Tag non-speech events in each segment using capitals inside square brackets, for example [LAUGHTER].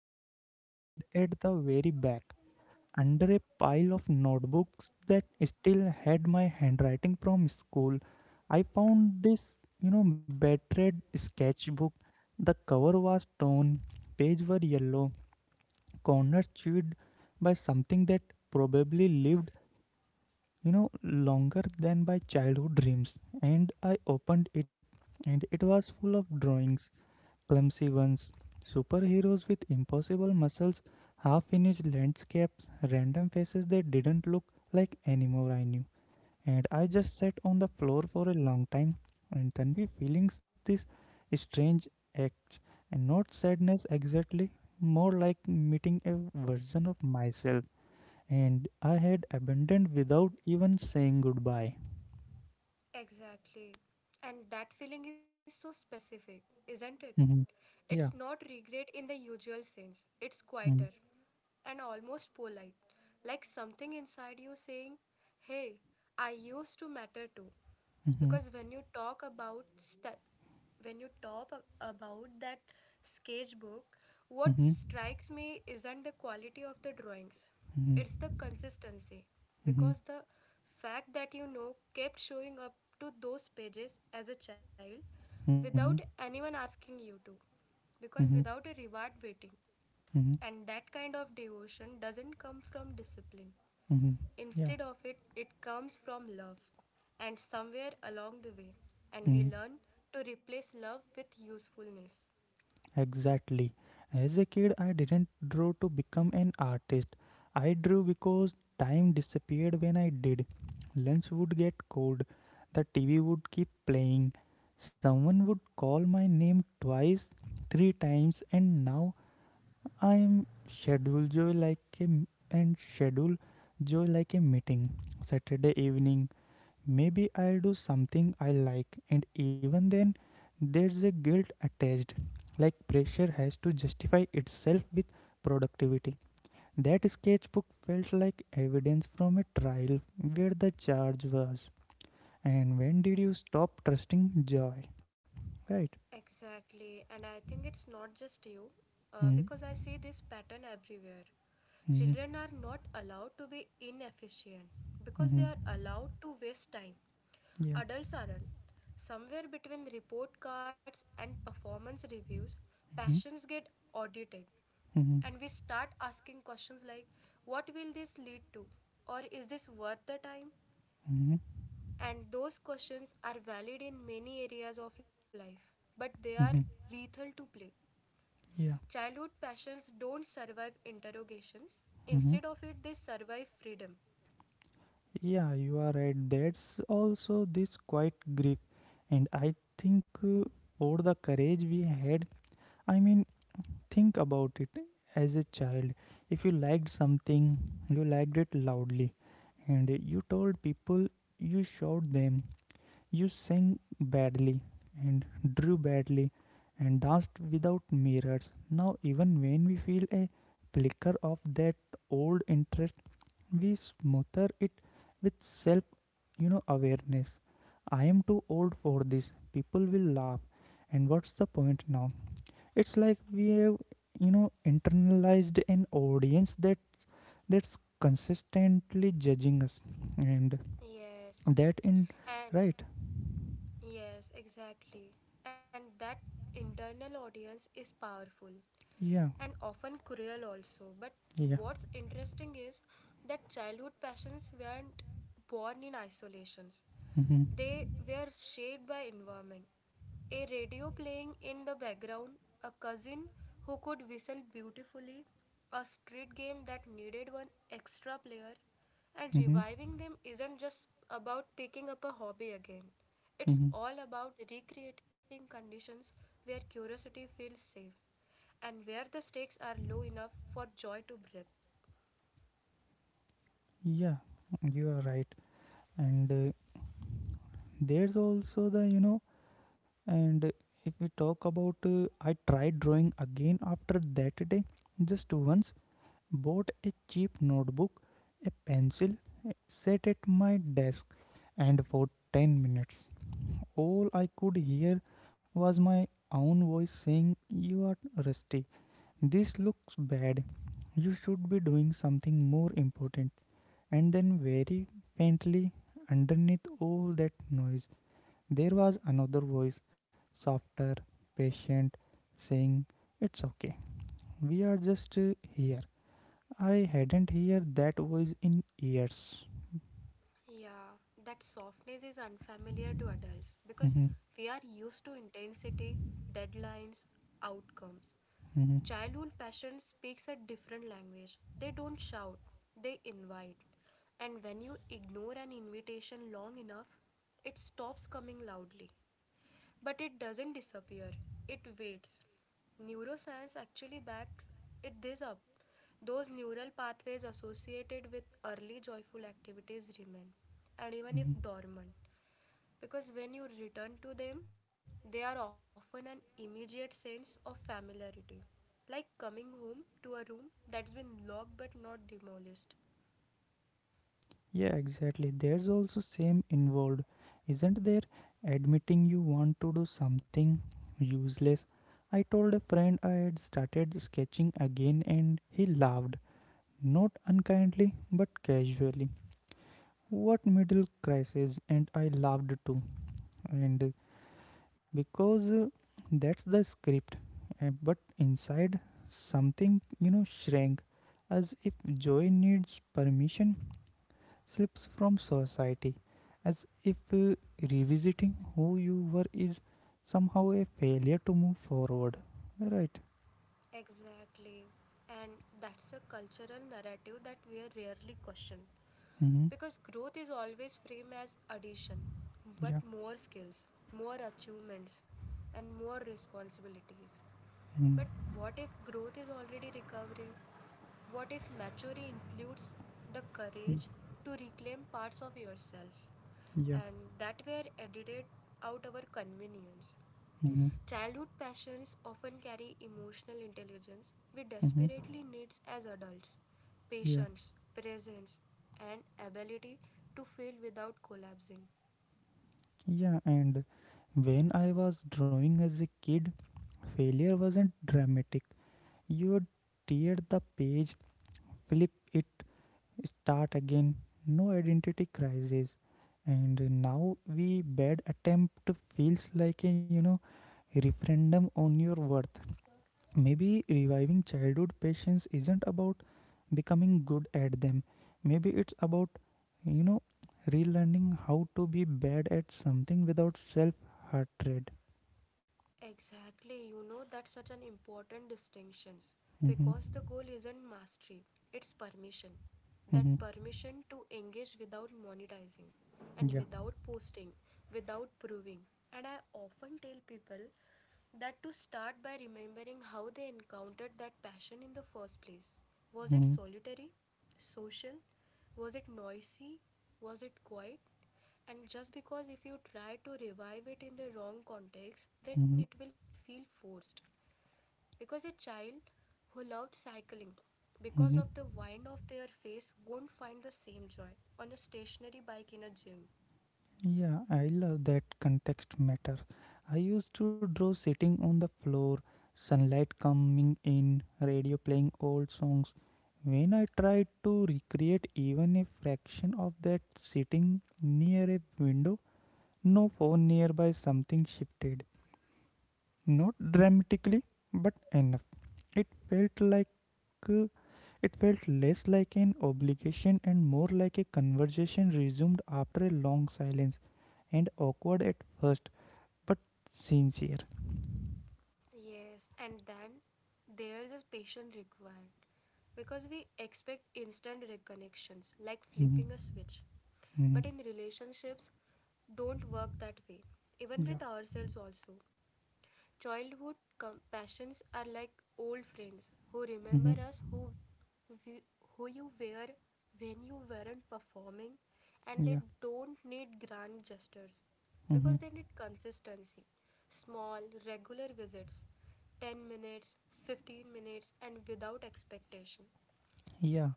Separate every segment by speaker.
Speaker 1: and time. And at the very back, under a pile of notebooks that still had my handwriting from school, I found this, battered sketchbook. The cover was torn, pages were yellow, Connor chewed by something that probably lived, longer than my childhood dreams. And I opened it, and it was full of drawings, clumsy ones, superheroes with impossible muscles, half finished landscapes, random faces that didn't look like anymore I knew. And I just sat on the floor for a long time, and Tanvi feeling this strange act, and not sadness exactly, more like meeting a version of myself, and I had abandoned without even saying goodbye.
Speaker 2: Exactly. And that feeling is so specific, isn't it?
Speaker 1: Hmm.
Speaker 2: It's not
Speaker 1: Yeah.
Speaker 2: regret in the usual sense, it's quieter,
Speaker 1: Mhm.
Speaker 2: and almost polite, like something inside you saying, "Hey, I used to matter too." Because
Speaker 1: Mhm.
Speaker 2: when you talk about that sketchbook, what
Speaker 1: Mhm.
Speaker 2: strikes me isn't the quality of the drawings,
Speaker 1: Mhm.
Speaker 2: it's the consistency.
Speaker 1: Mhm.
Speaker 2: Because the fact that kept showing up to those pages as a child without
Speaker 1: Mhm.
Speaker 2: anyone asking you to, because
Speaker 1: Mhm.
Speaker 2: without a reward waiting.
Speaker 1: Mhm.
Speaker 2: And that kind of devotion doesn't come from discipline.
Speaker 1: Mhm.
Speaker 2: Instead
Speaker 1: Yeah.
Speaker 2: of it, it comes from love. And somewhere along the way, and we
Speaker 1: Mm-hmm.
Speaker 2: learn to replace love with usefulness.
Speaker 1: Exactly. As a kid, I didn't draw to become an artist. I drew because time disappeared when I did. Lunch would get cold, the TV would keep playing, someone would call my name twice, three times, and now I am scheduled joy like a m- and schedule joy like a meeting. Saturday evening, maybe I'll do something I like, and even then, there's a guilt attached, like pressure has to justify itself with productivity. That sketchbook felt like evidence from a trial where the charge was. And when did you stop trusting joy? Right?
Speaker 2: Exactly, and I think it's not just you,
Speaker 1: Hmm.
Speaker 2: because I see this pattern everywhere.
Speaker 1: Hmm.
Speaker 2: Children are not allowed to be inefficient because
Speaker 1: Hmm.
Speaker 2: they are allowed to waste time.
Speaker 1: Yeah.
Speaker 2: Adults aren't. Somewhere between report cards and performance reviews,
Speaker 1: Mm-hmm.
Speaker 2: passions get audited,
Speaker 1: Hmm. Hmm.
Speaker 2: and we start asking questions like, "What will this lead to?" Or, "Is this worth the time?" And those questions are valid in many areas of life, but they are
Speaker 1: Hmm.
Speaker 2: lethal to play.
Speaker 1: Yeah.
Speaker 2: Childhood passions don't survive interrogations,
Speaker 1: Hmm.
Speaker 2: instead of it, they survive freedom.
Speaker 1: Yeah, you are right. That's also this quiet grief. And I think for the courage we had, I mean, think about it as a child. If you liked something, you liked it loudly, and you told people, you showed them, you sang badly, and drew badly, and danced without mirrors. Now, even when we feel a flicker of that old interest, we smother it with self awareness. I am too old for this, people will laugh, and what's the point now? It's like we have internalized an audience that's consistently judging us, and
Speaker 2: Yes.
Speaker 1: that in.
Speaker 2: And
Speaker 1: Right?
Speaker 2: yes, exactly. And that internal audience is powerful,
Speaker 1: Yeah.
Speaker 2: and often cruel also. But
Speaker 1: Yeah.
Speaker 2: what's interesting is that childhood passions weren't born in isolations.
Speaker 1: Mm-hmm.
Speaker 2: They were shaped by environment. A radio playing in the background, a cousin who could whistle beautifully, a street game that needed one extra player. And
Speaker 1: Mm-hmm.
Speaker 2: reviving them isn't just about picking up a hobby again. It's
Speaker 1: Mm-hmm.
Speaker 2: all about recreating conditions where curiosity feels safe and where the stakes are low enough for joy to breathe.
Speaker 1: Yeah. You are right, and there's also the and if we talk about, I tried drawing again after that day, just once, bought a cheap notebook, a pencil, sat at my desk, and for 10 minutes, all I could hear was my own voice saying, you are rusty, this looks bad, you should be doing something more important. And then, very faintly, underneath all that noise, there was another voice, softer, patient, saying, it's okay. We are just here. I hadn't heard that voice in years.
Speaker 2: Yeah, that softness is unfamiliar to adults because
Speaker 1: Mhm.
Speaker 2: we are used to intensity, deadlines, outcomes.
Speaker 1: Mhm.
Speaker 2: Childhood passion speaks a different language. They don't shout, they invite. And when you ignore an invitation long enough, it stops coming loudly. But it doesn't disappear, it waits. Neuroscience actually backs it this up. Those neural pathways associated with early joyful activities remain, and even if
Speaker 1: Mhm.
Speaker 2: dormant, because when you return to them, they are often an immediate sense of familiarity, like coming home to a room that's been locked but not demolished.
Speaker 1: Yeah, exactly. There's also shame involved, isn't there? Admitting you want to do something useless. I told a friend I had started sketching again and he laughed. Not unkindly, but casually. What middle crisis? And I laughed too. And because that's the script, but inside something shrank, as if joy needs permission slips from society, as if revisiting who you were is somehow a failure to move forward, right?
Speaker 2: Exactly. And that's a cultural narrative that we are rarely questioned.
Speaker 1: Mm-hmm.
Speaker 2: Because growth is always framed as addition, but
Speaker 1: Yeah.
Speaker 2: more skills, more achievements, and more responsibilities.
Speaker 1: Mm.
Speaker 2: But what if growth is already recovery? What if maturity includes the
Speaker 1: Mm.
Speaker 2: courage to reclaim parts of yourself
Speaker 1: Yeah.
Speaker 2: and that were edited out our convenience?
Speaker 1: Mm-hmm.
Speaker 2: Childhood passions often carry emotional intelligence we
Speaker 1: Mm-hmm.
Speaker 2: desperately need as adults:
Speaker 1: Yeah.
Speaker 2: patience, presence, and ability to feel without collapsing.
Speaker 1: Yeah. And when I was drawing as a kid, failure wasn't dramatic. You tear the page, flip it, start again. No identity crisis. And now we bad attempt feels like a referendum on your worth. Maybe reviving childhood passions isn't about becoming good at them. Maybe it's about you know relearning how to be bad at something without self hatred.
Speaker 2: Exactly, you know, that's such an important distinction
Speaker 1: Mm-hmm.
Speaker 2: because the goal isn't mastery, it's permission.
Speaker 1: Mm-hmm.
Speaker 2: That permission to engage without monetizing, and
Speaker 1: Yeah.
Speaker 2: without posting, without proving. And I often tell people that to start by remembering how they encountered that passion in the first place. Was
Speaker 1: Mm-hmm.
Speaker 2: it solitary? Social? Was it noisy? Was it quiet? And just because if you try to revive it in the wrong context, then it
Speaker 1: Mm-hmm.
Speaker 2: will feel forced. Because a child who loved cycling because of
Speaker 1: Mm-hmm.
Speaker 2: the wind of their face won't find the same joy on a stationary bike in a gym.
Speaker 1: Yeah, I love that context matter. I used to draw sitting on the floor, sunlight coming in, radio playing old songs. When I tried to recreate even a fraction of that sitting near a window, no phone nearby, something shifted. Not dramatically, but enough. It felt like uh, it felt less like an obligation and more like a conversation resumed after a long silence, and awkward at first, but sincere.
Speaker 2: Yes, and then there is a patience required because we expect instant reconnections like flipping
Speaker 1: Mhm.
Speaker 2: a switch. But
Speaker 1: Mhm.
Speaker 2: in relationships, don't work that way, even
Speaker 1: Yeah.
Speaker 2: with ourselves also. Childhood companions are like old friends who
Speaker 1: Mhm.
Speaker 2: remember us, who we, who you were when you weren't performing, and
Speaker 1: Yeah.
Speaker 2: they don't need grand gestures
Speaker 1: Mhm.
Speaker 2: because they need consistency, small regular visits, 10 minutes, 15 minutes, and without expectation.
Speaker 1: Yeah.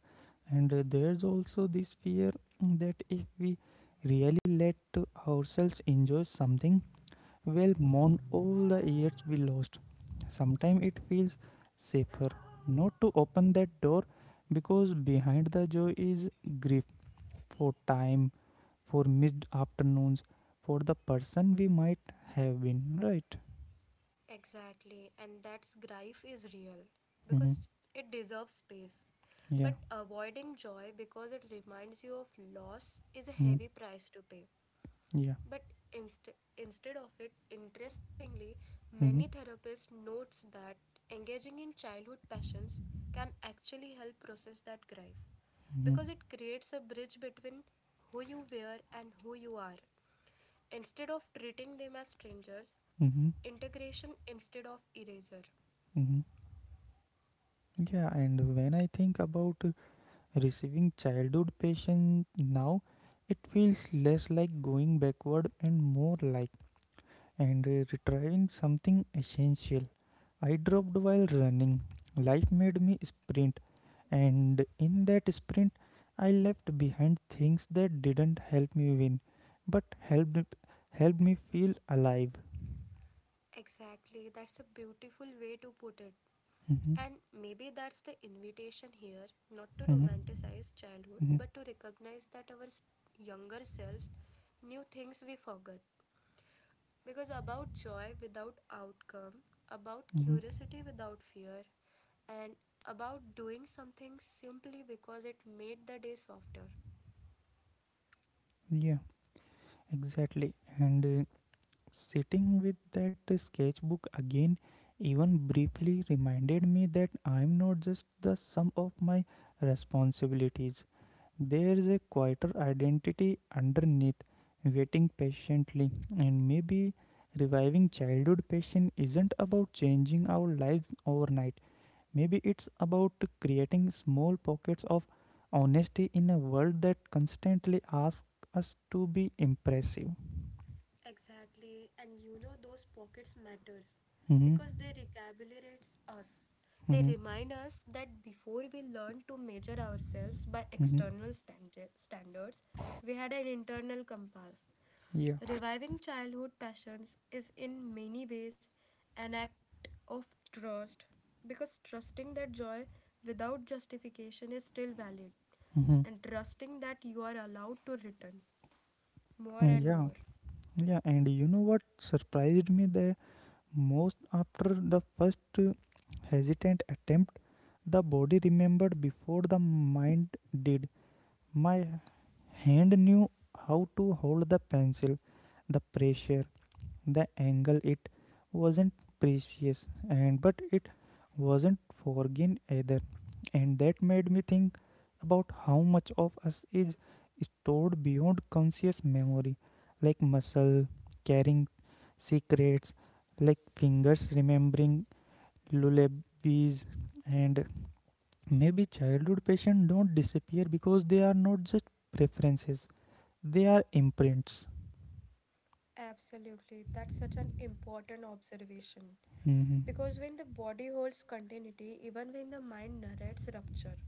Speaker 1: And there's also this fear that if we really let ourselves enjoy something, we'll mourn all the years we lost. Sometimes it feels safer not to open that door, because behind the joy is grief for time, for missed afternoons, for the person we might have been, right?
Speaker 2: Exactly, and that's grief is real
Speaker 1: Mm-hmm.
Speaker 2: because it deserves space.
Speaker 1: Yeah.
Speaker 2: But avoiding joy because it reminds you of loss is a
Speaker 1: Mm,
Speaker 2: heavy price to pay.
Speaker 1: yeah.
Speaker 2: But inst- instead of it, interestingly, many
Speaker 1: Mm-hmm.
Speaker 2: therapists notes that engaging in childhood passions can actually help process that grief
Speaker 1: Mm-hmm.
Speaker 2: because it creates a bridge between who you were and who you are. Instead of treating them as strangers,
Speaker 1: Mm-hmm.
Speaker 2: integration instead of erasure.
Speaker 1: Mm-hmm. Yeah, and when I think about receiving childhood patients now, it feels less like going backward and more like, and retrieving something essential. I dropped while running. Life made me sprint, and in that sprint, I left behind things that didn't help me win, but helped me feel alive.
Speaker 2: Exactly, that's a beautiful way to put it.
Speaker 1: Mm-hmm.
Speaker 2: And maybe that's the invitation here, not to romanticize childhood
Speaker 1: Mm-hmm.
Speaker 2: but to recognize that our younger selves knew things we forgot. Because about joy without outcome, about
Speaker 1: Mm-hmm.
Speaker 2: curiosity without fear, and about doing something simply because it made the day softer.
Speaker 1: Yeah, exactly. And sitting with that sketchbook again, even briefly, reminded me that I'm not just the sum of my responsibilities. There's a quieter identity underneath, waiting patiently. And maybe reviving childhood passion isn't about changing our lives overnight. Maybe it's about creating small pockets of honesty in a world that constantly asks us to be impressive.
Speaker 2: Exactly, and you know those pockets matters
Speaker 1: Mm-hmm.
Speaker 2: because they recalibrates us. They
Speaker 1: Mm-hmm.
Speaker 2: remind us that before we learned to measure ourselves by
Speaker 1: Mm-hmm.
Speaker 2: external standards, we had an internal compass.
Speaker 1: Yeah.
Speaker 2: Reviving childhood passions is in many ways an act of trust, because trusting that joy without justification is still valid,
Speaker 1: Mm-hmm.
Speaker 2: and trusting that you are allowed to return more and
Speaker 1: Yeah.
Speaker 2: more.
Speaker 1: Yeah. And you know what surprised me the most after the first hesitant attempt? The body remembered before the mind did. My hand knew how to hold the pencil, the pressure, the angle. It wasn't precious, and but it wasn't forgiven either, and that made me think about how much of us is stored beyond conscious memory, like muscle carrying secrets, like fingers remembering lullabies. And maybe childhood patients don't disappear, because they are not just preferences, they are imprints.
Speaker 2: Absolutely. That's such an important observation.
Speaker 1: Mm-hmm.
Speaker 2: Because when the body holds continuity, even when the mind narrates rupture,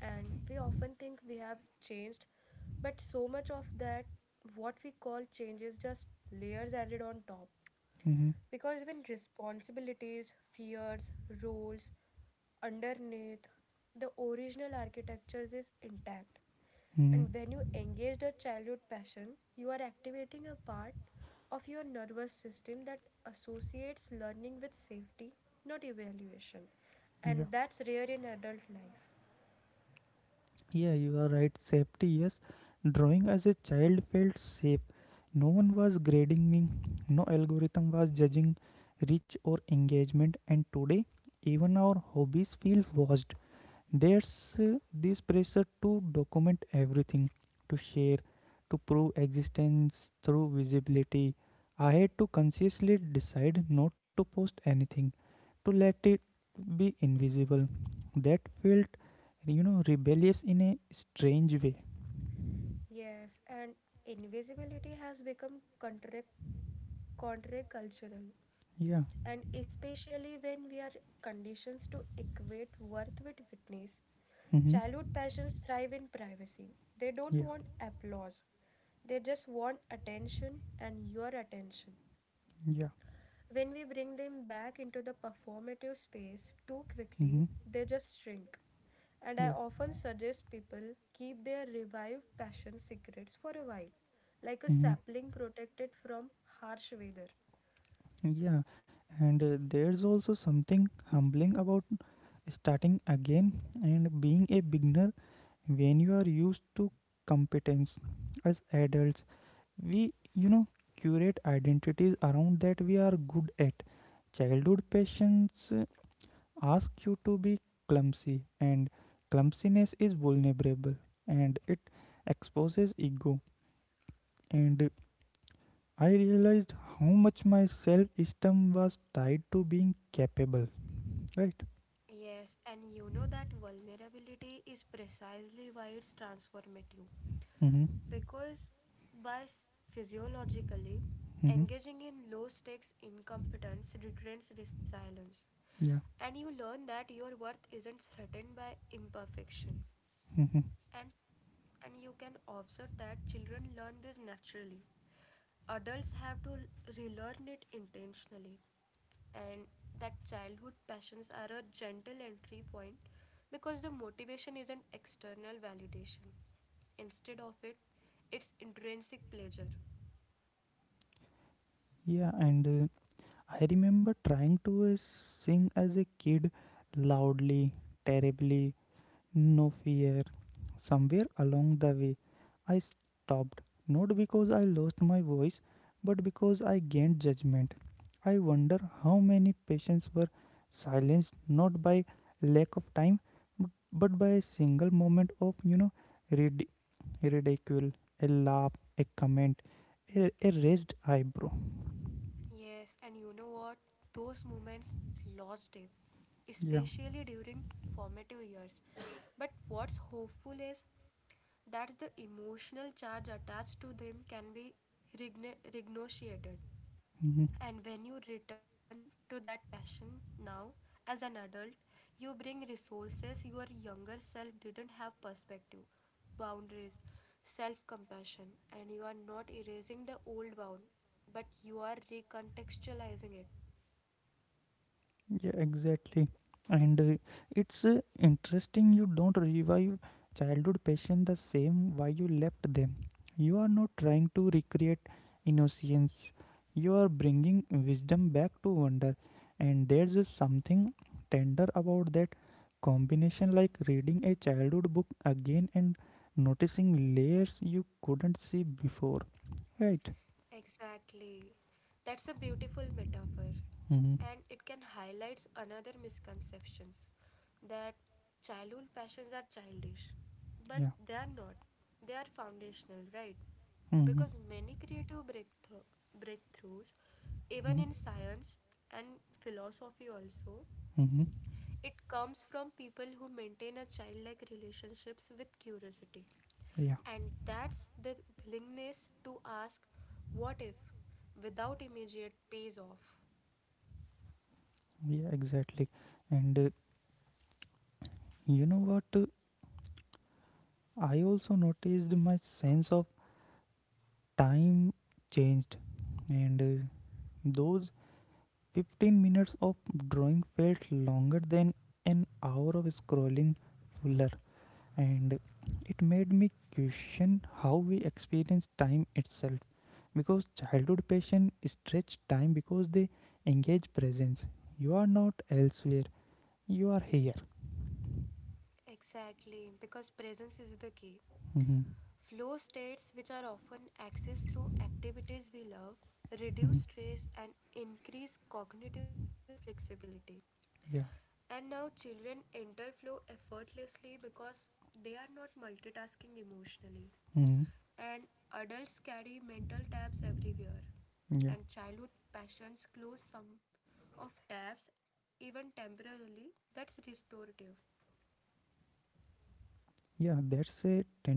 Speaker 2: and we often think we have changed, but so much of that, what we call change, is just layers added on top.
Speaker 1: Mm-hmm.
Speaker 2: Because when responsibilities, fears, roles, underneath the original architectures is intact,
Speaker 1: Mm-hmm.
Speaker 2: and when you engage the childhood passion, you are activating a part of your nervous system that associates learning with safety, not evaluation.
Speaker 1: Yeah.
Speaker 2: And that's rare in adult life.
Speaker 1: Yeah, you are right. Safety, yes. Drawing as a child felt safe. No one was grading me, no algorithm was judging reach or engagement. And today, even our hobbies feel watched. There's this pressure to document everything, to share, to prove existence through visibility. I had to consciously decide not to post anything, to let it be invisible. That felt rebellious in a strange way.
Speaker 2: Yes, and invisibility has become countercultural, and
Speaker 1: Yeah.
Speaker 2: especially when we are conditioned to equate worth with witness.
Speaker 1: Mm-hmm.
Speaker 2: Childhood passions thrive in privacy. They don't
Speaker 1: Yeah.
Speaker 2: want applause, they just want attention, and your attention.
Speaker 1: Yeah.
Speaker 2: When we bring them back into the performative space too
Speaker 1: Mm-hmm.
Speaker 2: quickly, they just shrink. And I
Speaker 1: Yeah.
Speaker 2: often suggest people keep their revived passion secrets for a while, like a
Speaker 1: Mm-hmm.
Speaker 2: sapling protected from harsh weather.
Speaker 1: Yeah. And there's also something humbling about starting again and being a beginner when you are used to competence. As adults, we, curate identities around that we are good at. Childhood patience asks you to be clumsy, and clumsiness is vulnerable and it exposes ego. And I realized how much my self esteem was tied to being capable, right?
Speaker 2: Yes, and you know that vulnerability is precisely why it's transformative.
Speaker 1: Mm-hmm.
Speaker 2: Because by physiologically,
Speaker 1: Mm-hmm.
Speaker 2: engaging in low stakes incompetence retrains resilience.
Speaker 1: Yeah.
Speaker 2: And you learn that your worth isn't threatened by imperfection,
Speaker 1: Mm-hmm.
Speaker 2: and you can observe that children learn this naturally, adults have to relearn it intentionally, and that childhood passions are a gentle entry point because the motivation isn't external validation, instead of it, it's intrinsic pleasure.
Speaker 1: Yeah, and I remember trying to sing as a kid loudly, terribly. No fear. Somewhere along the way, I stopped, not because I lost my voice, but because I gained judgment. I wonder how many patients were silenced not by lack of time, but by a single moment of rid- ridicule, a laugh, a comment, a raised eyebrow.
Speaker 2: Yes, and you know what, those moments lost deep,
Speaker 1: Yeah.
Speaker 2: especially during formative years [COUGHS] but what's hopeful is that the emotional charge attached to them can be renegotiated.
Speaker 1: Mhm.
Speaker 2: And when you return to that passion now, as an adult, you bring resources your younger self didn't have: perspective, boundaries, self compassion, and you are not erasing the old wound, but you are recontextualizing it.
Speaker 1: Yeah, exactly. And it's interesting you don't revive childhood passion the same why you left them. You are not trying to recreate innocence. You are bringing wisdom back to wonder. And there's something tender about that combination, like reading a childhood book again and noticing layers you couldn't see before, right?
Speaker 2: Exactly. That's a beautiful metaphor.
Speaker 1: Mm-hmm.
Speaker 2: And it can highlight another misconceptions, that childhood passions are childish. But
Speaker 1: Yeah.
Speaker 2: they are not. They are foundational, right?
Speaker 1: Mm-hmm.
Speaker 2: Because many creative breakthroughs,
Speaker 1: Mm-hmm.
Speaker 2: even in science and philosophy also,
Speaker 1: Mm-hmm.
Speaker 2: it comes from people who maintain a childlike relationships with curiosity.
Speaker 1: Yeah.
Speaker 2: And that's the willingness to ask what if, without immediate pays off.
Speaker 1: Yeah, exactly. And you know what? I also noticed my sense of time changed, and those 15 minutes of drawing felt longer than an hour of scrolling, fuller, and it made me question how we experience time itself. Because childhood patients stretch time because they engage presence. You are not elsewhere, you are here.
Speaker 2: Exactly, because presence is the key.
Speaker 1: Mhm.
Speaker 2: Flow states, which are often accessed through activities we love, reduce stress and increase cognitive flexibility.
Speaker 1: Yeah.
Speaker 2: And now children interflow effortlessly because they are not multitasking emotionally.
Speaker 1: Mhm.
Speaker 2: And adults carry mental tabs everywhere. And childhood passions close some of tabs, even temporarily. That's restorative.
Speaker 1: Yeah, there's a tenderness in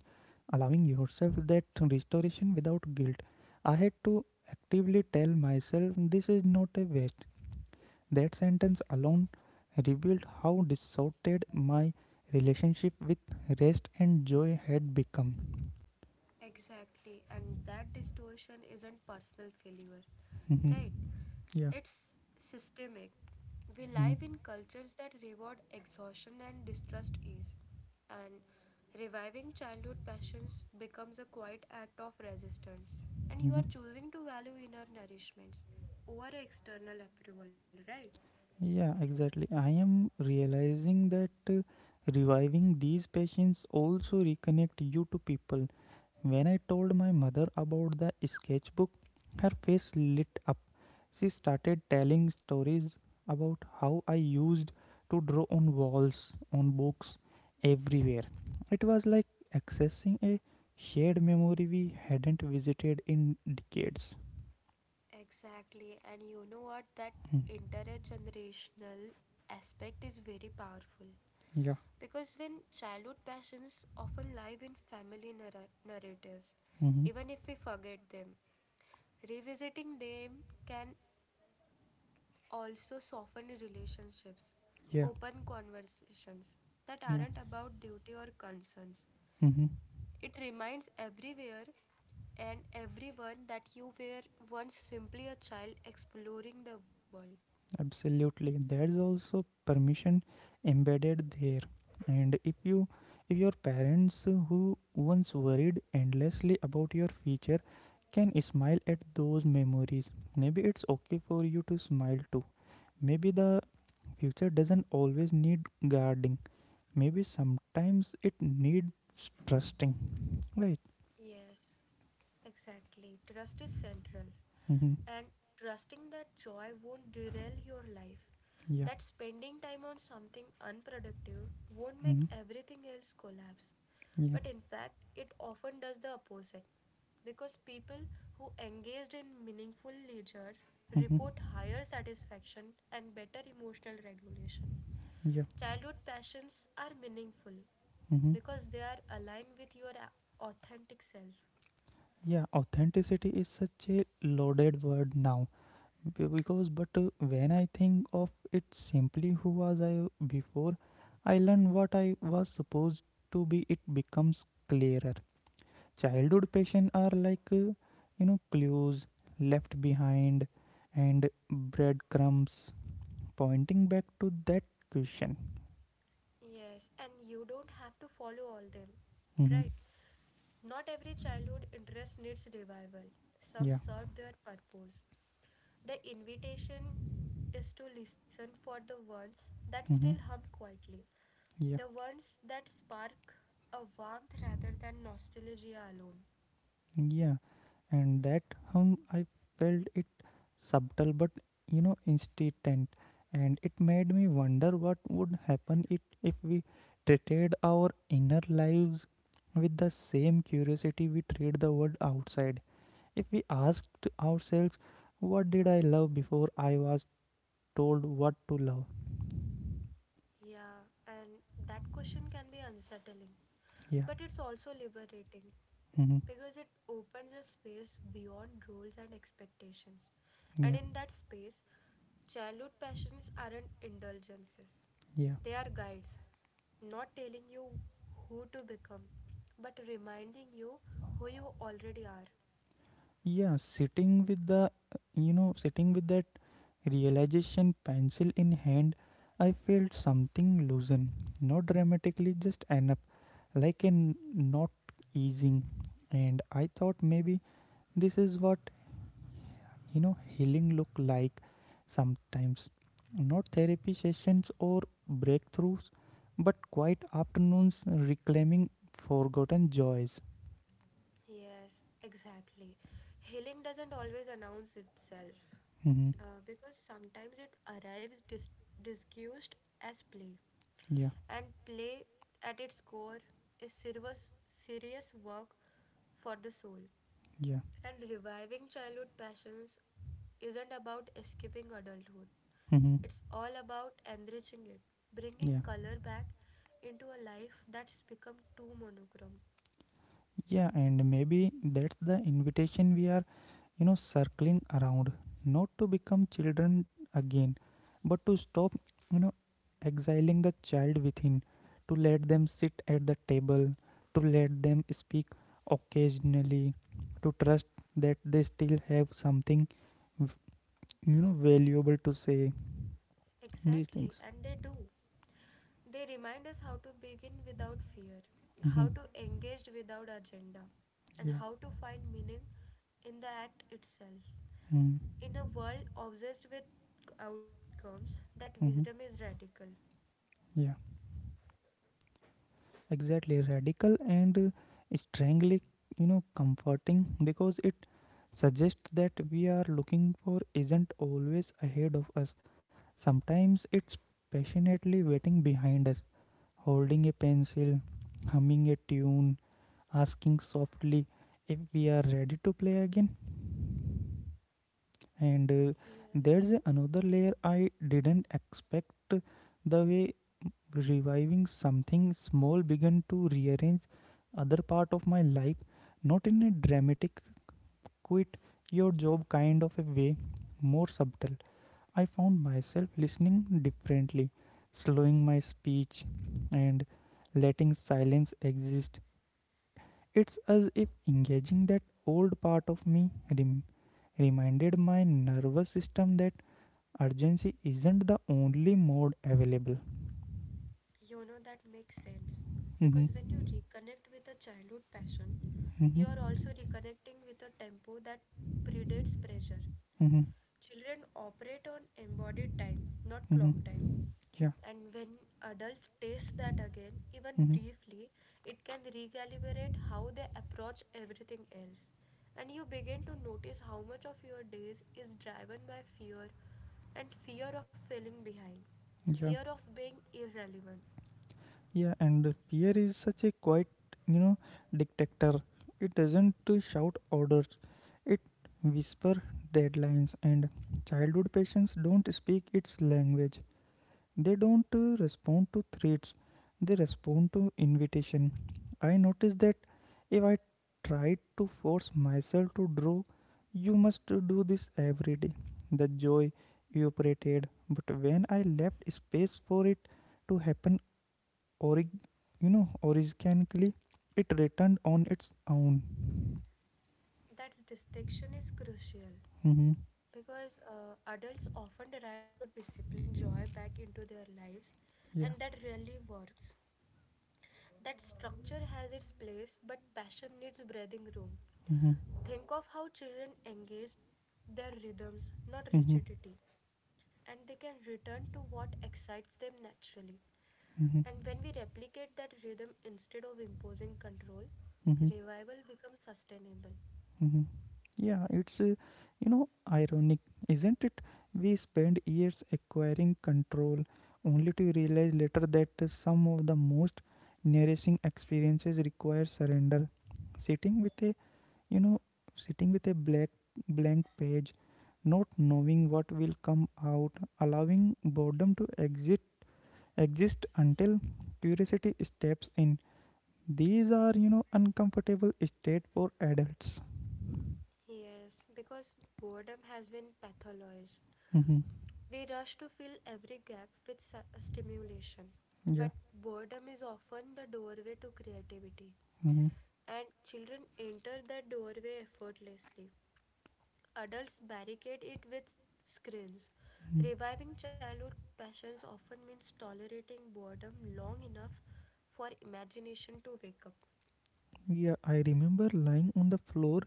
Speaker 1: allowing yourself that restoration without guilt. I had to actively tell myself this is not a waste. That sentence alone revealed how distorted my relationship with rest and joy had become.
Speaker 2: Exactly, and that distortion isn't personal failure,
Speaker 1: Mhm.
Speaker 2: right?
Speaker 1: Yeah.
Speaker 2: It's systemic. We
Speaker 1: Mhm.
Speaker 2: live in cultures that reward exhaustion and distrust ease, and reviving childhood passions becomes a quiet act of resistance. And you
Speaker 1: Mhm.
Speaker 2: are choosing to value inner nourishments over external approval, right?
Speaker 1: Yeah, exactly. I am realizing that reviving these passions also reconnect you to people. When I told my mother about the sketchbook, her face lit up. She started telling stories about how I used to draw on walls, on books, everywhere. It was like accessing a shared memory we hadn't visited in decades.
Speaker 2: Exactly, and you know what? That
Speaker 1: Hmm.
Speaker 2: intergenerational aspect is very powerful.
Speaker 1: Yeah.
Speaker 2: Because when childhood passions often live in family narratives,
Speaker 1: Hmm.
Speaker 2: even if we forget them, revisiting them can also soften relationships,
Speaker 1: Yeah.
Speaker 2: open conversations that
Speaker 1: Yeah.
Speaker 2: aren't about duty or concerns.
Speaker 1: Hmm.
Speaker 2: It reminds everywhere and everyone that you were once simply a child exploring the world.
Speaker 1: Absolutely, there's also permission embedded there. And if your parents who once worried endlessly about your future can smile at those memories, maybe it's okay for you to smile too. Maybe the future doesn't always need guarding. Maybe sometimes it needs trusting, right?
Speaker 2: Yes, exactly. Trust is central.
Speaker 1: Mm-hmm.
Speaker 2: And trusting that joy won't derail your life,
Speaker 1: Yeah.
Speaker 2: that spending time on something unproductive won't make
Speaker 1: Mm-hmm.
Speaker 2: everything else collapse.
Speaker 1: Yeah.
Speaker 2: But in fact, it often does the opposite. Because people who engaged in meaningful leisure
Speaker 1: Mm-hmm.
Speaker 2: report higher satisfaction and better emotional regulation.
Speaker 1: Yeah.
Speaker 2: Childhood passions are meaningful
Speaker 1: Mm-hmm.
Speaker 2: because they are aligned with your authentic self.
Speaker 1: Yeah, authenticity is such a loaded word now because but when I think of it simply, who was I before I learned what I was supposed to be, it becomes clearer. Childhood passion are like clues left behind and breadcrumbs pointing back to that question.
Speaker 2: Yes, and you don't have to follow all them,
Speaker 1: Mm-hmm.
Speaker 2: right? Not every childhood interest needs revival. Some
Speaker 1: Yeah.
Speaker 2: serve their purpose. The invitation is to listen for the ones that still
Speaker 1: Mm-hmm.
Speaker 2: hum quietly, the
Speaker 1: Yeah.
Speaker 2: ones that spark a warmth rather than nostalgia alone.
Speaker 1: Yeah, and that hum, I felt it subtle but instant, and it made me wonder what would happen if we treated our inner lives with the same curiosity we treat the world outside. If we asked ourselves, what did I love before I was told what to love?
Speaker 2: Yeah, and that question can be unsettling, but
Speaker 1: Yeah,
Speaker 2: it's also liberating
Speaker 1: mm-hmm.
Speaker 2: because it opens a space beyond roles and expectations. And
Speaker 1: Yeah,
Speaker 2: in that space, childhood passions aren't indulgences,
Speaker 1: yeah.
Speaker 2: they are guides, not telling you who to become, but reminding you who you already are.
Speaker 1: Yeah, sitting with the, you know, sitting with that realization, pencil in hand, I felt something loosen. Not dramatically, just enough, like an not easing. And I thought maybe this is what, healing look like sometimes. Not therapy sessions or breakthroughs, but quiet afternoons reclaiming forgotten joys.
Speaker 2: Yes, exactly. Healing doesn't always announce itself,
Speaker 1: Hmm.
Speaker 2: because sometimes it arrives disguised as play.
Speaker 1: Yeah,
Speaker 2: And play, at its core, is serious, serious work for the soul.
Speaker 1: yeah.
Speaker 2: And reviving childhood passions isn't about escaping adulthood,
Speaker 1: Hmm.
Speaker 2: it's all about enriching it, bringing
Speaker 1: Yeah.
Speaker 2: color back into a life that's become too monochrome.
Speaker 1: Yeah, and maybe that's the invitation we are, circling around. Not to become children again, but to stop, you know, exiling the child within, to let them sit at the table, to let them speak occasionally, to trust that they still have something, v- valuable to say. These
Speaker 2: Exactly,
Speaker 1: things.
Speaker 2: and they do. They remind us how to begin without fear, how
Speaker 1: Mm-hmm.
Speaker 2: to engage without agenda, and
Speaker 1: Yeah.
Speaker 2: how to find meaning in the act itself.
Speaker 1: Mm-hmm.
Speaker 2: In a world obsessed with outcomes, that wisdom
Speaker 1: Mm-hmm.
Speaker 2: is radical.
Speaker 1: Yeah. Exactly, radical and strangely comforting, because it suggests that we are looking for isn't always ahead of us. Sometimes it's passionately waiting behind us, holding a pencil, humming a tune, asking softly if we are ready to play again. And
Speaker 2: Yes,
Speaker 1: there's another layer I didn't expect, the way reviving something small began to rearrange other part of my life. Not in a dramatic quit your job kind of a way, more subtle. I found myself listening differently, slowing my speech, and letting silence exist. It's as if engaging that old part of me rem- reminded my nervous system that urgency isn't the only mode available.
Speaker 2: you know that makes sense.
Speaker 1: Mm-hmm.
Speaker 2: Because when you reconnect with a childhood passion, you are also
Speaker 1: Mm-hmm.
Speaker 2: reconnecting with a tempo that predates pressure.
Speaker 1: Mm-hmm.
Speaker 2: Children operate on embodied time, not clock
Speaker 1: Mm-hmm.
Speaker 2: time.
Speaker 1: Yeah.
Speaker 2: And when adults taste that again, even
Speaker 1: Mm-hmm.
Speaker 2: briefly, it can recalibrate how they approach everything else. And you begin to notice how much of your days is driven by fear and fear of falling behind, fear
Speaker 1: Yeah.
Speaker 2: of being irrelevant.
Speaker 1: Yeah. And fear is such a quiet, you know, dictator. It doesn't shout orders. It whisper deadlines. And childhood patients don't speak its language. They don't respond to threats, they respond to invitation. I noticed that if I tried to force myself to draw, you must do this every day. The joy evaporated, but when I left space for it to happen, orig- organically, it returned on its own.
Speaker 2: That distinction is crucial
Speaker 1: Mm-hmm.
Speaker 2: because adults often try to discipline joy back into their lives, and that
Speaker 1: Yeah.
Speaker 2: rarely works. That structure has its place, but passion needs breathing room.
Speaker 1: Mm-hmm.
Speaker 2: Think of how children engage their rhythms, not
Speaker 1: Mm-hmm.
Speaker 2: rigidity, and they can return to what excites them naturally. And
Speaker 1: Mm-hmm.
Speaker 2: when we replicate that rhythm instead of imposing control,
Speaker 1: Mm-hmm.
Speaker 2: revival becomes sustainable.
Speaker 1: Mhm. Yeah, it's, ironic, isn't it? We spend years acquiring control only to realize later that some of the most nourishing experiences require surrender. Sitting with a, you know, Sitting with a black blank page, not knowing what will come out, allowing boredom to exist until curiosity steps in. These are, uncomfortable state for adults.
Speaker 2: Yes, because boredom has been pathologized.
Speaker 1: Mhm.
Speaker 2: We rush to fill every gap with stimulation, but
Speaker 1: Yeah.
Speaker 2: boredom is often the doorway to creativity.
Speaker 1: Mhm.
Speaker 2: And children enter that doorway effortlessly. Adults barricade it with screens. Reviving childhood passions often means tolerating boredom long enough for imagination to wake up.
Speaker 1: Yeah, I remember lying on the floor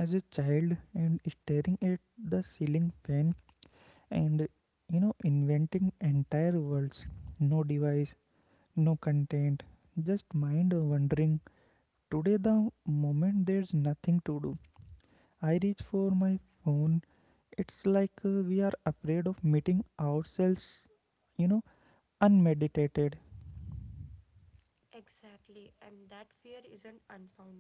Speaker 1: as a child and staring at the ceiling fan and inventing entire worlds. No device, no content, just mind wandering. Today the moment there's nothing to do, I reach for my phone. It's like we are afraid of meeting ourselves, you know, unmeditated.
Speaker 2: Exactly, and that fear isn't unfounded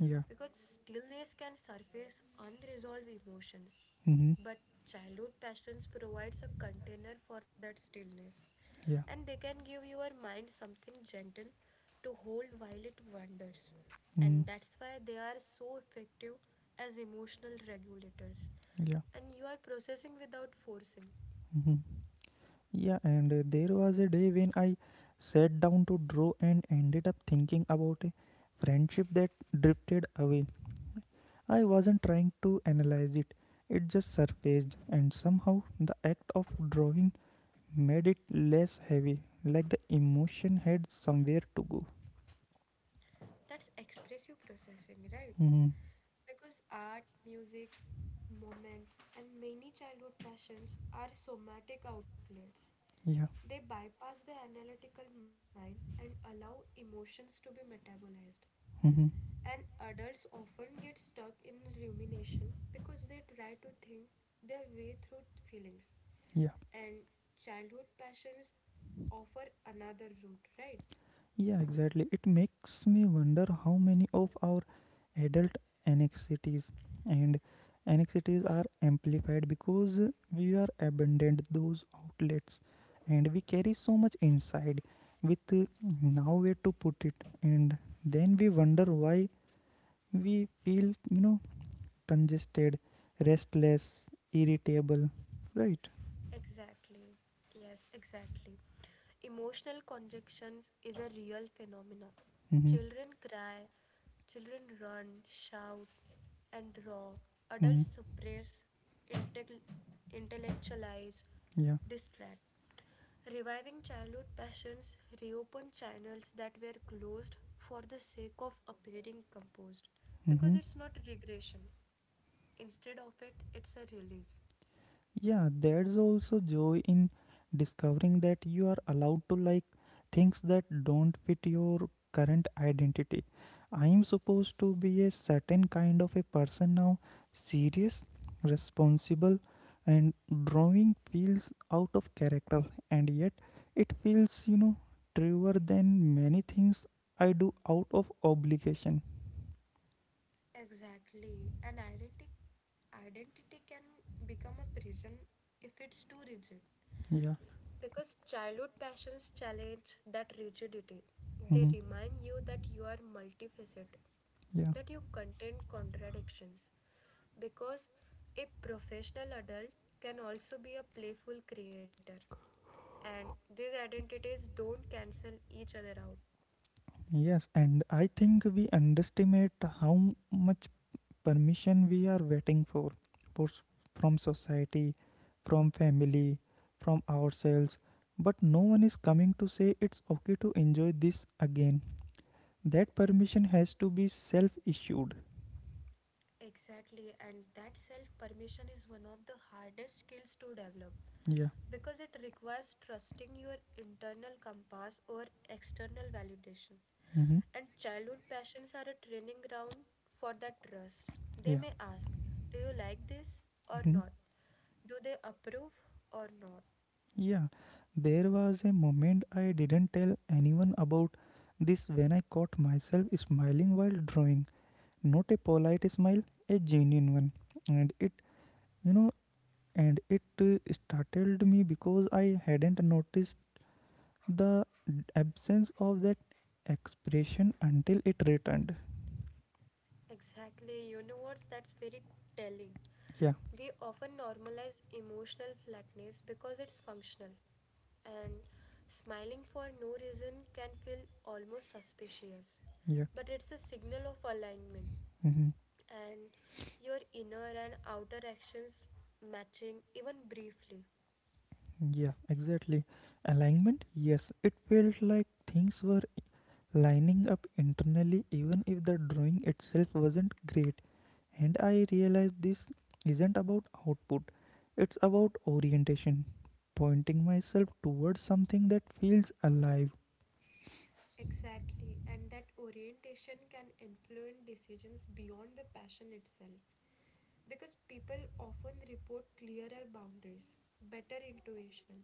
Speaker 1: Yeah.
Speaker 2: because stillness can surface unresolved emotions.
Speaker 1: Mhm.
Speaker 2: But childhood passions provides a container for that stillness and
Speaker 1: Yeah.
Speaker 2: they can give your mind something gentle to hold while it wanders. And
Speaker 1: Mhm.
Speaker 2: that's why they are so effective as emotional regulators.
Speaker 1: Yeah.
Speaker 2: And you are processing without forcing.
Speaker 1: Mhm. Yeah, and there was a day when I sat down to draw and ended up thinking about a friendship that drifted away. I wasn't trying to analyze it, it just surfaced, and somehow the act of drawing made it less heavy, like the emotion had somewhere to go.
Speaker 2: That's expressive processing, right?
Speaker 1: Hmm.
Speaker 2: Because art, music, movement, and many childhood passions are somatic outlets.
Speaker 1: Yeah.
Speaker 2: They bypass the analytical mind and allow emotions to be metabolized.
Speaker 1: Hmm.
Speaker 2: And adults often get stuck in rumination because they try to think their way through feelings.
Speaker 1: Yeah.
Speaker 2: And childhood passions offer another route, right?
Speaker 1: Yeah, exactly. It makes me wonder how many of our adult anxieties and anxieties are amplified because we are abandoned those outlets, and we carry so much inside with nowhere to put it, and then we wonder why we feel congested, restless, irritable, right?
Speaker 2: Exactly. Yes, exactly. Emotional conjunctions is a real phenomenon.
Speaker 1: Mm-hmm.
Speaker 2: Children cry, children run, shout, and roar. Adults
Speaker 1: Mm-hmm.
Speaker 2: suppress, intell- intellectualize,
Speaker 1: Yeah.
Speaker 2: distract. Reviving childhood passions reopen channels that were closed for the sake of appearing composed because
Speaker 1: Mm-hmm.
Speaker 2: it's not regression. Instead of it, it's a release.
Speaker 1: Yeah, there's also joy in discovering that you are allowed to like things that don't fit your current identity. I am supposed to be a certain kind of a person now, serious, responsible, and drawing feels out of character, and yet it feels, truer than many things I do out of obligation.
Speaker 2: Exactly. An identity can become a prison if it's too rigid.
Speaker 1: Yeah.
Speaker 2: Because childhood passions challenge that rigidity. They
Speaker 1: Hmm.
Speaker 2: remind you that you are multifaceted,
Speaker 1: Yeah.
Speaker 2: that you contain contradictions. Because a professional adult can also be a playful creator, and these identities don't cancel each other out.
Speaker 1: Yes, and I think we underestimate how much permission we are waiting for from society, from family, from ourselves. But no one is coming to say it's okay to enjoy this again. That permission has to be self issued.
Speaker 2: Exactly, and that self permission is one of the hardest skills to develop
Speaker 1: Yeah.
Speaker 2: because it requires trusting your internal compass or external validation.
Speaker 1: Mm-hmm.
Speaker 2: And childhood passions are a training ground for that trust. They
Speaker 1: Yeah.
Speaker 2: may ask, do you like this or
Speaker 1: Mm-hmm.
Speaker 2: not? Do they approve or not?
Speaker 1: Yeah. There was a moment I didn't tell anyone about this when I caught myself smiling while drawing. Not a polite smile, a genuine one. And it, you know, and it startled me because I hadn't noticed the absence of that expression until it returned.
Speaker 2: Exactly. You know what's that's very telling.
Speaker 1: Yeah,
Speaker 2: We often normalize emotional flatness because it's functional. And smiling for no reason can feel almost suspicious.
Speaker 1: yeah.
Speaker 2: But it's a signal of alignment
Speaker 1: Hmm.
Speaker 2: and your inner and outer actions matching even briefly.
Speaker 1: Yeah, exactly. Alignment, yes, it felt like things were lining up internally, even if the drawing itself wasn't great. And I realized this isn't about output, it's about orientation, pointing myself towards something that feels alive.
Speaker 2: Exactly. And that orientation can influence decisions beyond the passion itself. Because people often report clearer boundaries, better intuition,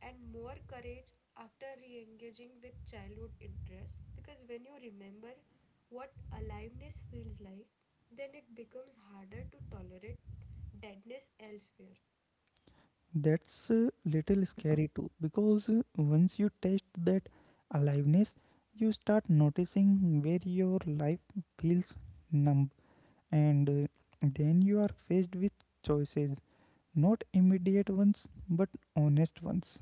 Speaker 2: and more courage after re engaging with childhood interests. Because when you remember what aliveness feels like, then it becomes harder to tolerate deadness elsewhere.
Speaker 1: That's a little scary too, because once you taste that aliveness, you start noticing where your life feels numb, and then you are faced with choices, not immediate ones but honest ones.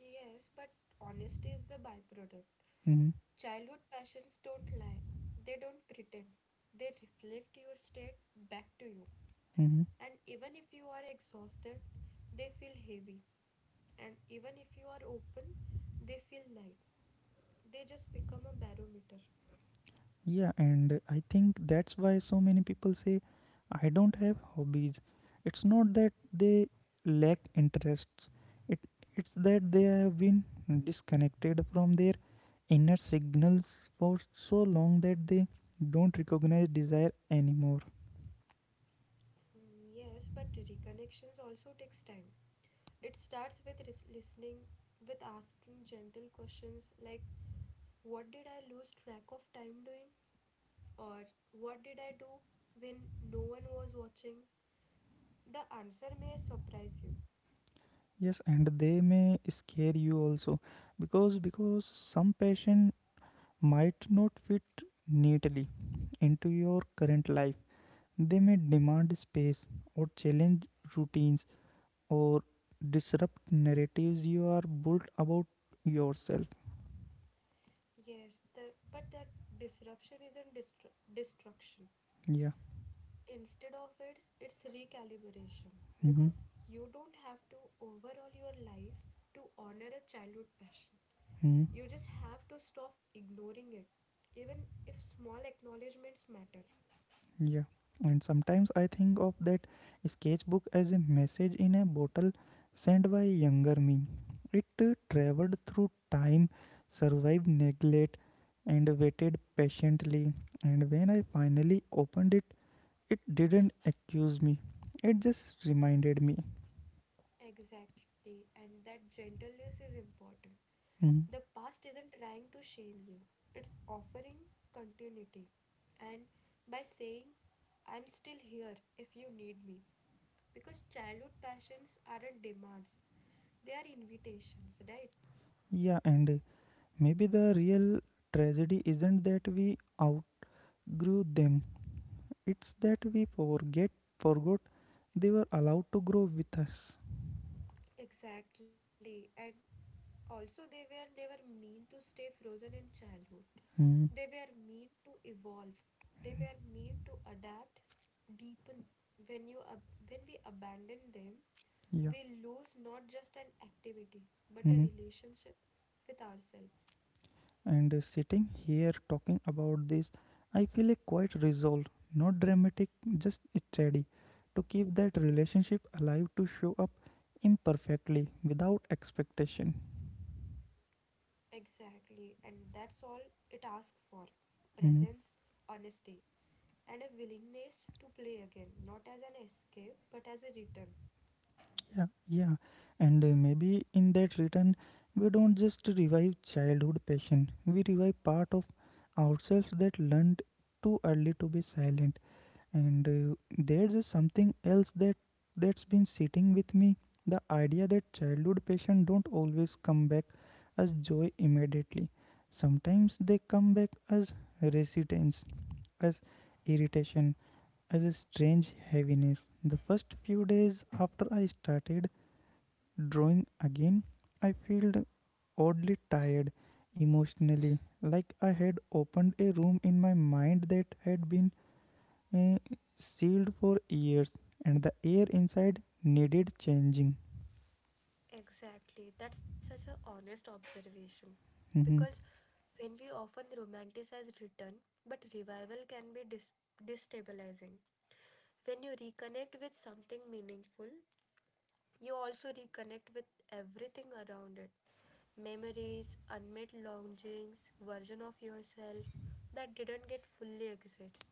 Speaker 2: Yes, but honesty is the byproduct.
Speaker 1: Mhm,
Speaker 2: Childhood passions don't lie, they don't pretend. They reflect your state back to you.
Speaker 1: mhm.
Speaker 2: And even if you are exhausted, they feel heavy. And even if you are open, they feel light. They just become a barometer.
Speaker 1: Yeah, and I think that's why so many people say, I don't have hobbies. It's not that they lack interests, it, it's that they have been disconnected from their inner signals for so long that they don't recognize desire anymore.
Speaker 2: Mm, yes, but reconnections also takes time. It starts with listening, with asking gentle questions like, what did I lose track of time doing? Or what did I do when no one was watching? The answer may surprise you.
Speaker 1: Yes, and they may scare you also, because some passion might not fit neatly into your current life. They may demand space or challenge routines or disrupt narratives you are built about yourself.
Speaker 2: Yes, the, but that disruption isn't destruction.
Speaker 1: Yeah.
Speaker 2: Instead of it, it's recalibration
Speaker 1: Mm-hmm.
Speaker 2: because you don't have to overhaul your life to honor a childhood passion.
Speaker 1: Hmm.
Speaker 2: You just have to stop ignoring it, even if small acknowledgements matter.
Speaker 1: Yeah. And sometimes I think of that sketchbook as a message in a bottle sent by younger me. It traveled through time, survived neglect, and waited patiently. And when I finally opened it, it didn't accuse me, it just reminded me.
Speaker 2: Exactly, and that gentleness is important.
Speaker 1: Mhm.
Speaker 2: The past isn't trying to shame you, it's offering continuity. And by saying, I'm still here if you need me. Because childhood passions aren't demands, they are invitations, right?
Speaker 1: Yeah, and maybe the real tragedy isn't that we outgrew them, it's that we forgot they were allowed to grow with us.
Speaker 2: Exactly. And also, they were never mean to stay frozen in childhood. They
Speaker 1: Mm,
Speaker 2: were mean to evolve. They were mean to adapt, deepen. When we abandon them,
Speaker 1: yeah.
Speaker 2: we lose not just an activity, but a
Speaker 1: Mhm.
Speaker 2: relationship with ourselves.
Speaker 1: And sitting here talking about this, I feel a quite resolve, not dramatic, just steady, to keep that relationship alive, to show up imperfectly without expectation.
Speaker 2: Exactly. And that's all it asks for presence,
Speaker 1: Mhm.
Speaker 2: honesty, and a willingness to play again, not as an escape, but as a return.
Speaker 1: Yeah, yeah. And maybe in that return, we don't just revive childhood passion, we revive part of ourselves that learned too early to be silent. And there's just something else that's been sitting with me, the idea that childhood passion don't always come back as joy immediately. Sometimes they come back as resistance, as irritation, as a strange heaviness. The first few days after I started drawing again, I felt oddly tired emotionally, like I had opened a room in my mind that had been uh, sealed for years, and the air inside needed changing.
Speaker 2: Exactly. That's such an honest observation. Because
Speaker 1: Mhm,
Speaker 2: when we often romanticize return, but revival can be destabilizing. When you reconnect with something meaningful, you also reconnect with everything around it memories, unmet longings, version of yourself that didn't get fully exist.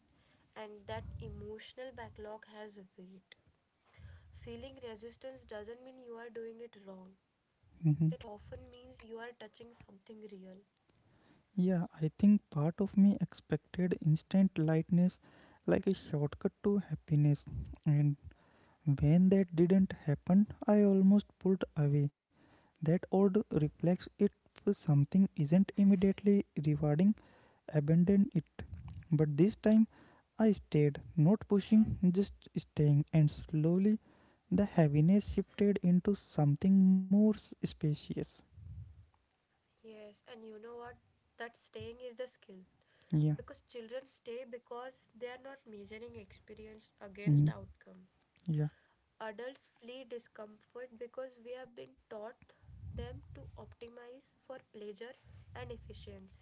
Speaker 2: And that emotional backlog has weight. Feeling resistance doesn't mean you are doing it wrong.
Speaker 1: mhm.
Speaker 2: It often means you are touching something real.
Speaker 1: Yeah, I think part of me expected instant lightness, like a shortcut to happiness, and when that didn't happen, I almost pulled away, that old reflex. If something isn't immediately rewarding, abandon it. But this time, I stayed, not pushing, just staying, and slowly the heaviness shifted into something more spacious.
Speaker 2: Yes, and you know what? That staying is the skill. Because
Speaker 1: Yeah,
Speaker 2: children stay because they are not measuring experience against
Speaker 1: mm,
Speaker 2: outcome.
Speaker 1: yeah.
Speaker 2: Adults flee discomfort because we have been taught them to optimize for pleasure and efficiency.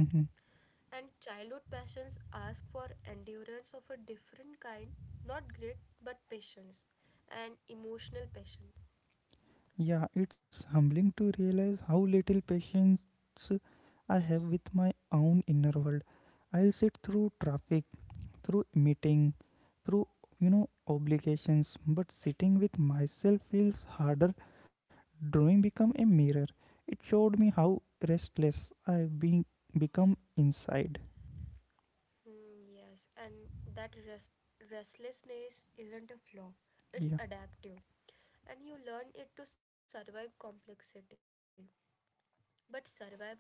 Speaker 1: Mhm.
Speaker 2: And childhood passions ask for endurance of a different kind, not grit, but patience and emotional patience.
Speaker 1: Yeah, it's humbling to realize how little patience I have with my own inner world. I'll sit through traffic, through meeting, through obligations, but sitting with myself feels harder. Drawing become a mirror. It showed me how restless I've been become inside.
Speaker 2: Hmm, yes, and that restlessness isn't a flaw, it's
Speaker 1: Yeah.
Speaker 2: adaptive. And you learn it to survive complexity. But survival
Speaker 1: Mhm.
Speaker 2: strategies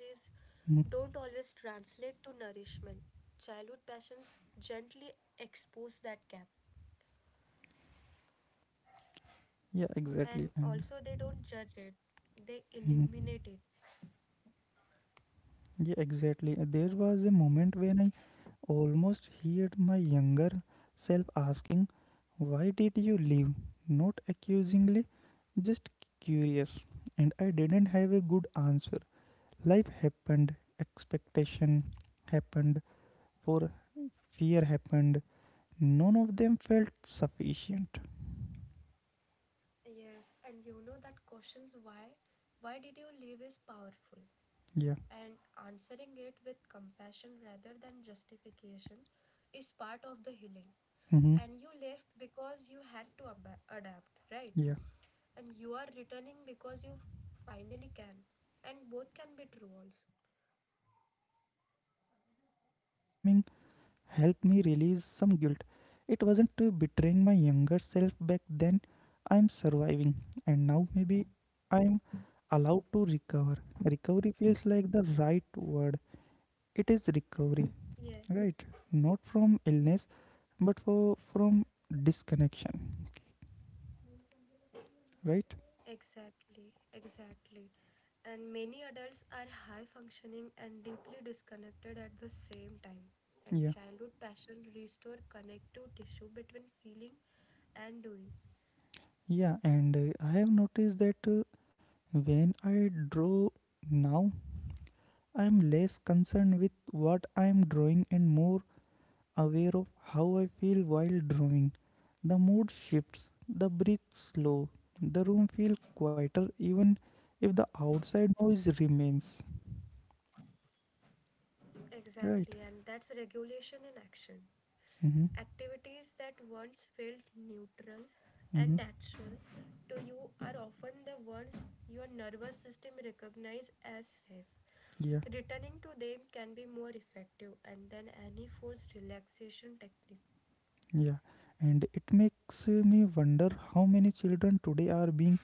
Speaker 2: don't always translate to nourishment. Childhood passions gently expose that gap,
Speaker 1: Yeah, exactly.
Speaker 2: and
Speaker 1: And.
Speaker 2: also they don't judge it, they
Speaker 1: Mhm.
Speaker 2: illuminate it.
Speaker 1: Yeah, exactly. There was a moment when I almost heard my younger self asking, why did you leave? Not accusingly, just curious. And I didn't have a good answer. Life happened, expectation happened, for fear happened. None of them felt sufficient.
Speaker 2: Yes, and you know that questions why did you leave is powerful
Speaker 1: Yeah.
Speaker 2: and answering it with compassion rather than justification is part of the healing.
Speaker 1: Mm-hmm.
Speaker 2: And you left because you had to adapt,
Speaker 1: Yeah.
Speaker 2: right? And you are returning because you finally can. And both can be true also.
Speaker 1: Yeah. That reframing helped me release some guilt. It wasn't betraying my younger self back then. I'm surviving, and now maybe I'm allowed to recover. Recovery feels like the right word. It is recovery,
Speaker 2: Yes.
Speaker 1: right? Not from illness, but for from disconnection, right?
Speaker 2: Exactly, exactly. And many adults are high functioning and deeply disconnected at the same time.
Speaker 1: Yeah,
Speaker 2: And childhood passion restore connective tissue between feeling and doing.
Speaker 1: yeah. And I have noticed that when I draw now, I'm less concerned with what I'm drawing and more aware of how I feel while drawing. The mood shifts, the breath slow, the room feels quieter even if the outside noise remains.
Speaker 2: Exactly, and
Speaker 1: Right?
Speaker 2: that's regulation in action.
Speaker 1: Mm-hmm.
Speaker 2: Activities that once felt neutral and
Speaker 1: Mm-hmm.
Speaker 2: natural to you are often the ones your nervous system recognizes as safe.
Speaker 1: Yeah,
Speaker 2: Returning to them can be more effective and than any forced relaxation technique.
Speaker 1: yeah. And it makes me wonder how many children today are being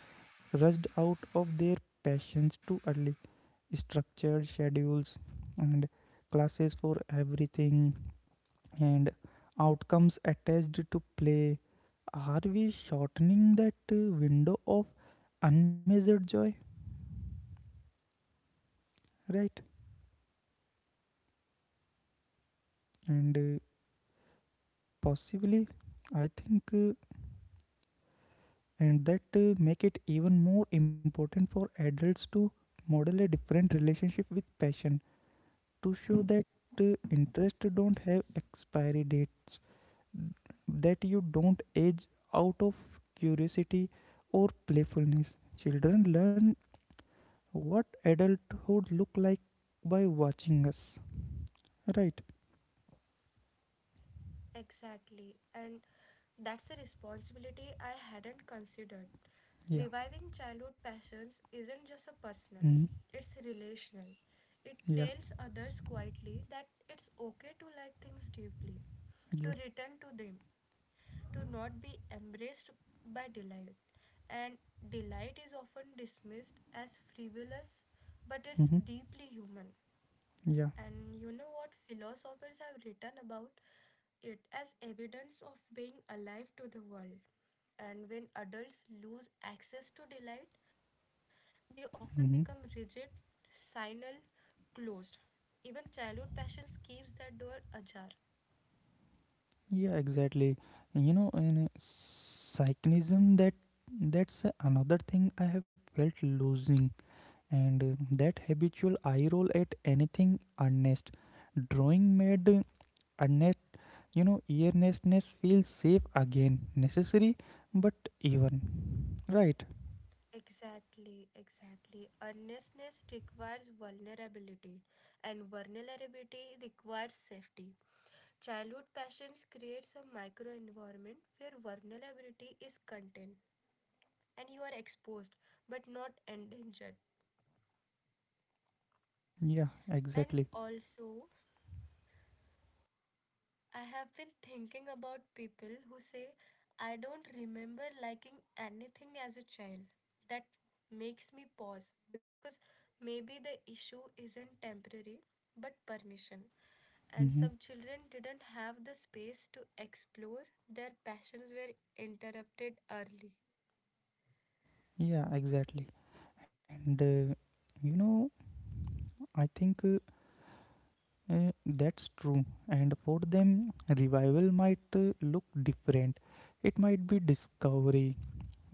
Speaker 1: rushed out of their passions too early. Structured schedules and classes for everything and outcomes attached to play. Are we shortening that window of unmeasured joy? Right? And possibly, I think, and that make it even more important for adults to model a different relationship with passion, to show that interest don't have expiry date, that you don't age out of curiosity or playfulness. Children learn what adulthood look like by watching us, right?
Speaker 2: Exactly. And that's a responsibility I hadn't considered.
Speaker 1: Yeah.
Speaker 2: Reviving childhood passions isn't just a personal,
Speaker 1: Hmm.
Speaker 2: it's relational. It
Speaker 1: Yeah,
Speaker 2: tells others quietly that it's okay to like things deeply, to
Speaker 1: yeah.
Speaker 2: return to them, to not be embraced by delight. And delight is often dismissed as frivolous, but it's
Speaker 1: Hmm.
Speaker 2: deeply human.
Speaker 1: Yeah.
Speaker 2: And you know what? Philosophers have written about it as evidence of being alive to the world. And when adults lose access to delight, they often become
Speaker 1: Hmm.
Speaker 2: rigid, sinal, closed. Even childhood passions keeps that door ajar.
Speaker 1: Yeah, exactly. In a cynicism that's another thing I have felt losing, and that habitual eye roll at anything earnest. Drawing made earnest earnestness feels safe again, necessary but even, right?
Speaker 2: Exactly, exactly. Earnestness requires vulnerability, and vulnerability requires safety. Childhood passions creates a microenvironment where vulnerability is contained and you are exposed but not endangered.
Speaker 1: Yeah,
Speaker 2: And
Speaker 1: exactly.
Speaker 2: also, I have been thinking about people who say, I don't remember liking anything as a child. That makes me pause because maybe the issue isn't temporary but permission. And some
Speaker 1: Hmm.
Speaker 2: children didn't have the space to explore, their passions were interrupted early.
Speaker 1: Yeah, exactly. And you know, I think that's true. And for them, revival might look different. It might be discovery,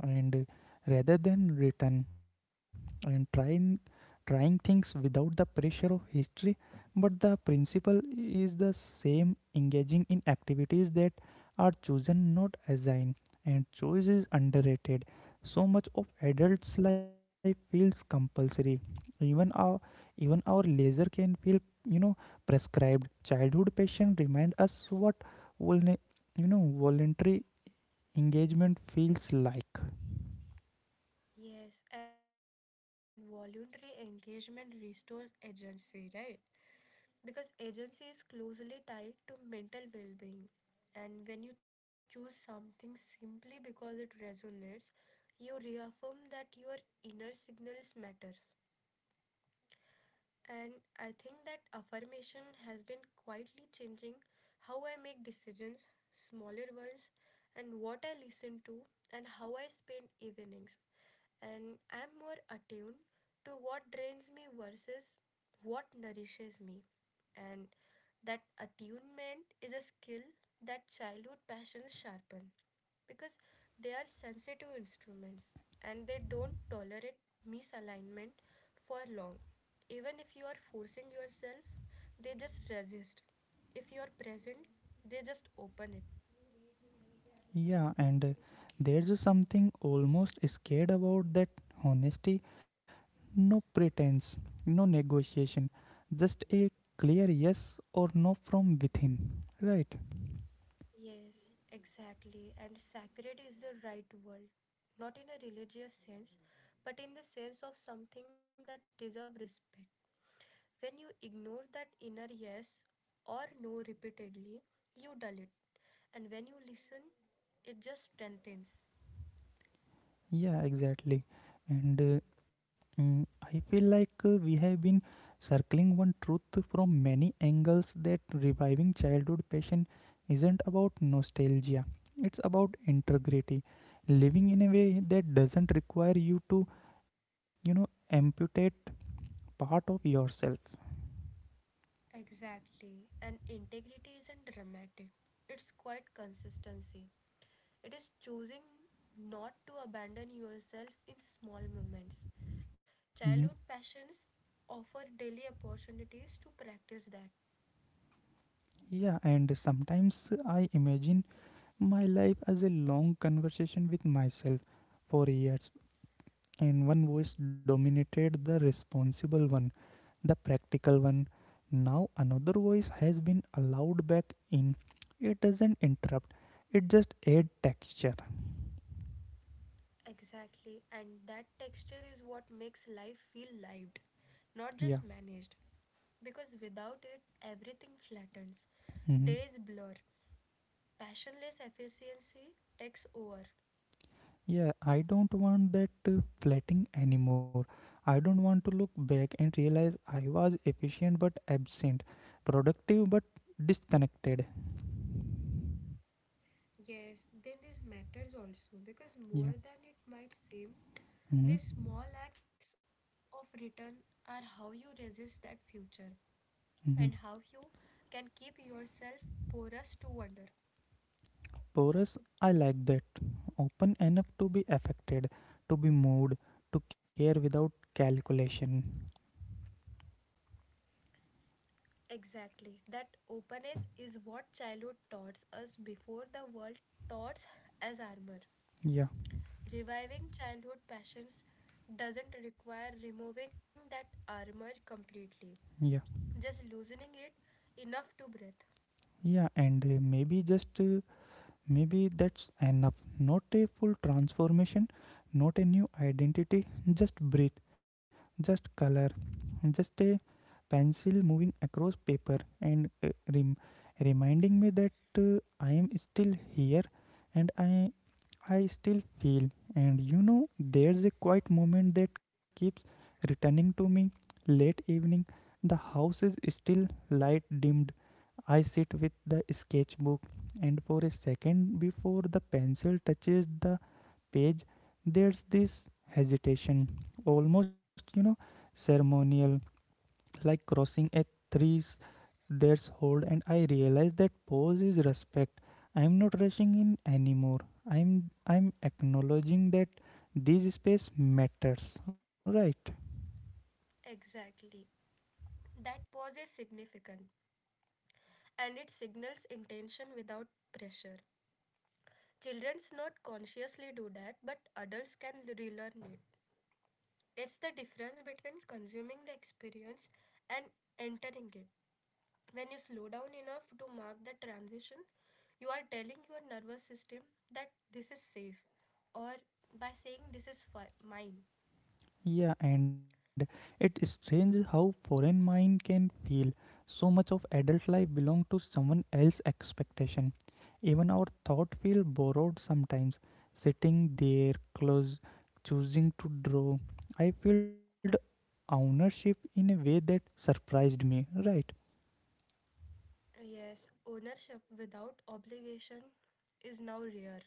Speaker 1: and rather than written and trying things without the pressure of history, but the principle is the same: engaging in activities that are chosen, not assigned. And choice is underrated. So much of adults life feels compulsory. even our Even our leisure can feel, you know prescribed. Childhood passion remind us what vulne- voluntary engagement feels like.
Speaker 2: Yes, and voluntary engagement restores agency, right? Because
Speaker 1: Yeah,
Speaker 2: agency is closely tied to mental well being. And when you choose something simply because it resonates, you reaffirm that your inner signals matters. And I think that affirmation has been quietly changing how I make decisions, smaller ones, and what I listen to, and how I spend evenings. And I'm more attuned to what drains me versus what nourishes me and that attunement is a skill that childhood passions sharpen because they are sensitive instruments and they don't tolerate misalignment for long even if you are forcing yourself they just resist if you are present they just open it.
Speaker 1: yeah, and there's a something almost scared about that honesty. No pretense, no negotiation, just a clear yes or no from within, right?
Speaker 2: Yes, exactly. And sacred is the right word, not in a religious sense, but in the sense of something that deserves respect. When you ignore that inner yes or no repeatedly, you dull it. And when you listen, it just strengthens.
Speaker 1: Yeah, exactly. And uh, I feel like we have been circling one truth from many angles: that reviving childhood passion isn't about nostalgia, it's about integrity. Living in a way that doesn't require you to, amputate part of yourself.
Speaker 2: Exactly. And integrity isn't dramatic, it's quite consistency. It is choosing not to abandon yourself in small moments.
Speaker 1: Mhm.
Speaker 2: Childhood passions offer daily opportunities to practice that.
Speaker 1: Yeah, and sometimes I imagine my life as a long conversation with myself for years, and one voice dominated: the responsible one, the practical one. Now another voice has been allowed back in. It doesn't interrupt, it just add texture.
Speaker 2: Exactly. And that texture is what makes life feel lived,
Speaker 1: Yeah.
Speaker 2: not just managed. Because without it, everything flattens.
Speaker 1: Mhm.
Speaker 2: Days blur. Passionless efficiency takes over.
Speaker 1: Yeah, I don't want that flatting anymore. I don't want to look back and realize I was efficient but absent, productive but disconnected.
Speaker 2: Yes, then this matters also because
Speaker 1: Yeah.
Speaker 2: more than it might seem,
Speaker 1: Mhm.
Speaker 2: these small acts of return are how you resist that future and how you
Speaker 1: Mhm.
Speaker 2: can keep yourself porous to wonder.
Speaker 1: Porous, I like that. Open enough to be affected, to be moved, to care without calculation.
Speaker 2: Exactly. That openness is what childhood taught us before the world taught us as armor.
Speaker 1: Yeah,
Speaker 2: Reviving childhood passions doesn't require removing that armor completely,
Speaker 1: yeah,
Speaker 2: just loosening it enough to breathe.
Speaker 1: yeah, and maybe just maybe that's enough. Not a full transformation, not a new identity, just breath, just color, just a pencil moving across paper, rem- reminding me that I am still here, and I still feel. And there's a quiet moment that keeps returning to me. Late evening, the house is still, light dimmed. I sit with the sketchbook, and for a second before the pencil touches the page, there's this hesitation, almost ceremonial, like crossing a three threshold. And I realize that pause is respect. I'm not rushing in anymore. I'm acknowledging that this space matters, right?
Speaker 2: Exactly. That pause is significant and it signals intention without pressure. Children's not consciously do that, but adults can relearn it. It's the difference between consuming the experience and entering it. When you slow down enough to mark the transition, you are telling your nervous system that this is safe, or by saying this is mine.
Speaker 1: Yeah, and it's strange how foreign mind can feel. So much of adult life belong to someone else's expectation. Even our thought feel borrowed sometimes. Sitting there, close, choosing to draw, I felt ownership in a way that surprised me. Right?
Speaker 2: Yes, ownership without obligation is now rare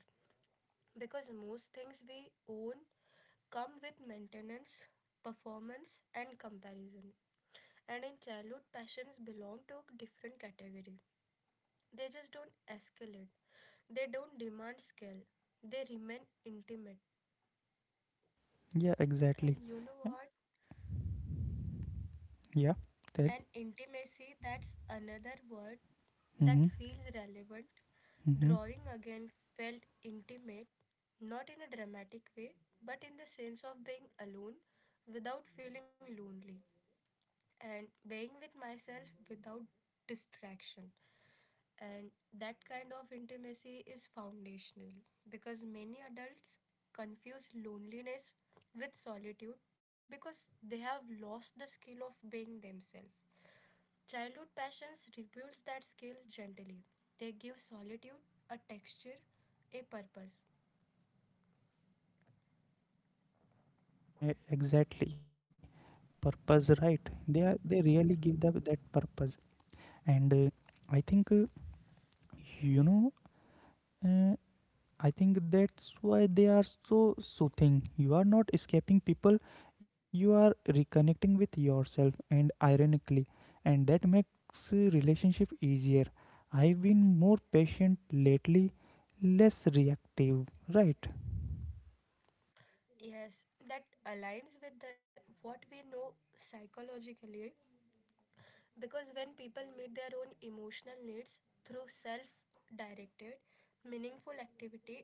Speaker 2: because most things we own come with maintenance, performance, and comparison. And in childhood, passions belong to a different category. They just don't escalate, they don't demand scale, they remain intimate.
Speaker 1: Yeah,
Speaker 2: And
Speaker 1: exactly.
Speaker 2: you know
Speaker 1: Uh,
Speaker 2: what?
Speaker 1: Yeah, tell.
Speaker 2: An intimacy, that's another word that
Speaker 1: Mm-hmm,
Speaker 2: feels relevant.
Speaker 1: mm-hmm.
Speaker 2: Drawing again felt intimate, not in a dramatic way, but in the sense of being alone without feeling lonely and being with myself without distraction. And that kind of intimacy is foundational because many adults confuse loneliness with solitude because they have lost the skill of being themselves. Childhood passions rebuilds that skill gently. They give solitude a texture, a purpose.
Speaker 1: Exactly. Purpose, right? They really give that purpose. And I think you know. Uh, I think that's why they are so soothing. You are not escaping people, you are reconnecting with yourself, and ironically, and that makes relationship easier. I've been more patient lately, less reactive, right?
Speaker 2: Yes, that aligns with the, what we know psychologically because when people meet their own emotional needs through self directed, meaningful activity,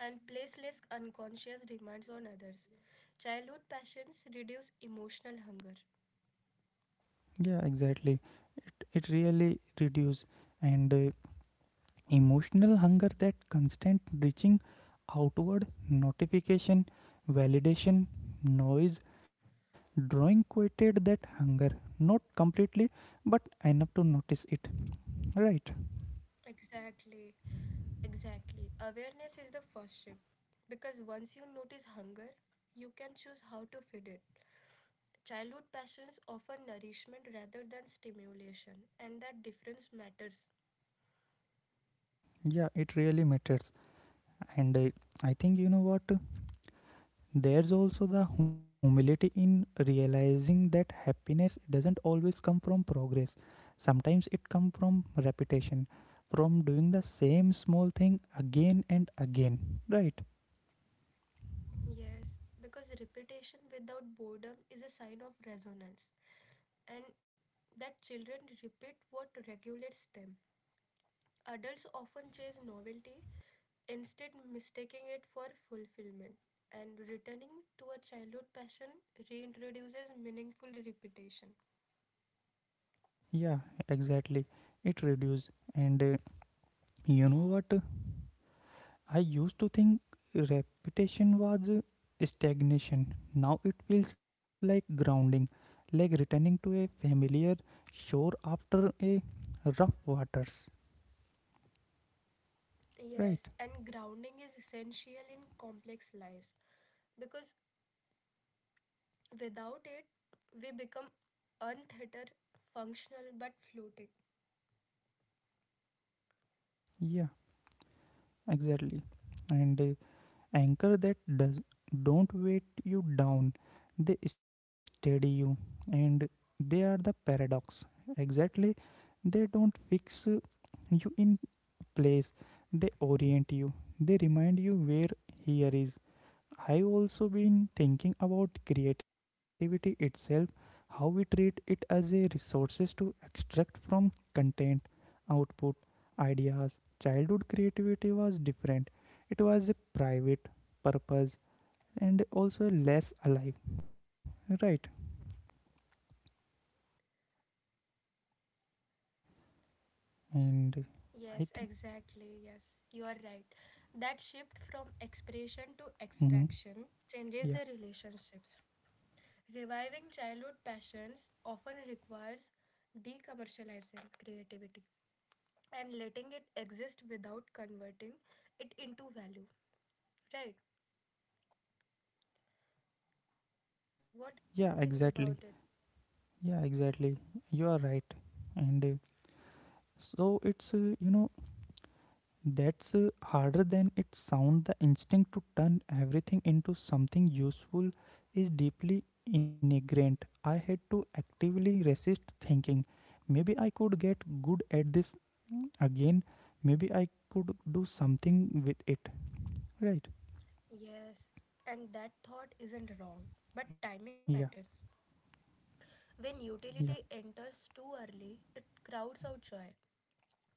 Speaker 2: and place less unconscious demands on others, childhood passions reduce emotional hunger.
Speaker 1: Yeah, exactly. It really reduce. And Emotional hunger, that constant reaching outward: notification, validation, noise. Drawing quieted that hunger, not completely, but enough to notice it. Right.
Speaker 2: Exactly, exactly. Awareness is the first step because once you notice hunger, you can choose how to feed it. Childhood passions offer nourishment rather than stimulation, and that difference matters.
Speaker 1: Yeah, it really matters. And I, I think, you know what? There's also the humility in realizing that happiness doesn't always come from progress. Sometimes it comes from repetition, from doing the same small thing again and again. Right?
Speaker 2: Yes, because repetition without boredom is a sign of resonance, and that children repeat what regulates them. Adults often chase novelty instead mistaking it for fulfillment. And returning to a childhood passion reintroduces meaningful repetition.
Speaker 1: Yeah, exactly. It reduces. And you know what? I used to think repetition was stagnation. Now it feels like grounding, like returning to a familiar shore after a rough waters. Right?
Speaker 2: Yes, and grounding is essential in complex lives because without it, we become untheater functional but floating.
Speaker 1: Yeah, exactly. And anchor that does don't weight you down; they steady you, and they are the paradox. Exactly, they don't fix you in place; they orient you. They remind you where here is. I've also been thinking about creativity itself, how we treat it as a resources to extract from: content, output, ideas. Childhood creativity was different. It was a private purpose, and also less alive, right? And I think,
Speaker 2: Yes, exactly. Yes, you are right. That shift from expression to
Speaker 1: hmm.
Speaker 2: extraction
Speaker 1: Yeah,
Speaker 2: changes the relationships. Reviving childhood passions often requires decommercializing creativity and letting it exist without converting it into value. Right. What do you
Speaker 1: yeah,
Speaker 2: think about it?
Speaker 1: exactly, yeah, exactly. You are right, and so it's you know that's harder than it sounds. The instinct to turn everything into something useful is deeply ingrained. I had to actively resist thinking, maybe I could get good at this again, maybe I could do something with it. Right?
Speaker 2: Yes, and that thought isn't wrong, but
Speaker 1: Yeah,
Speaker 2: timing matters. When
Speaker 1: yeah,
Speaker 2: utility enters too early, it crowds out joy.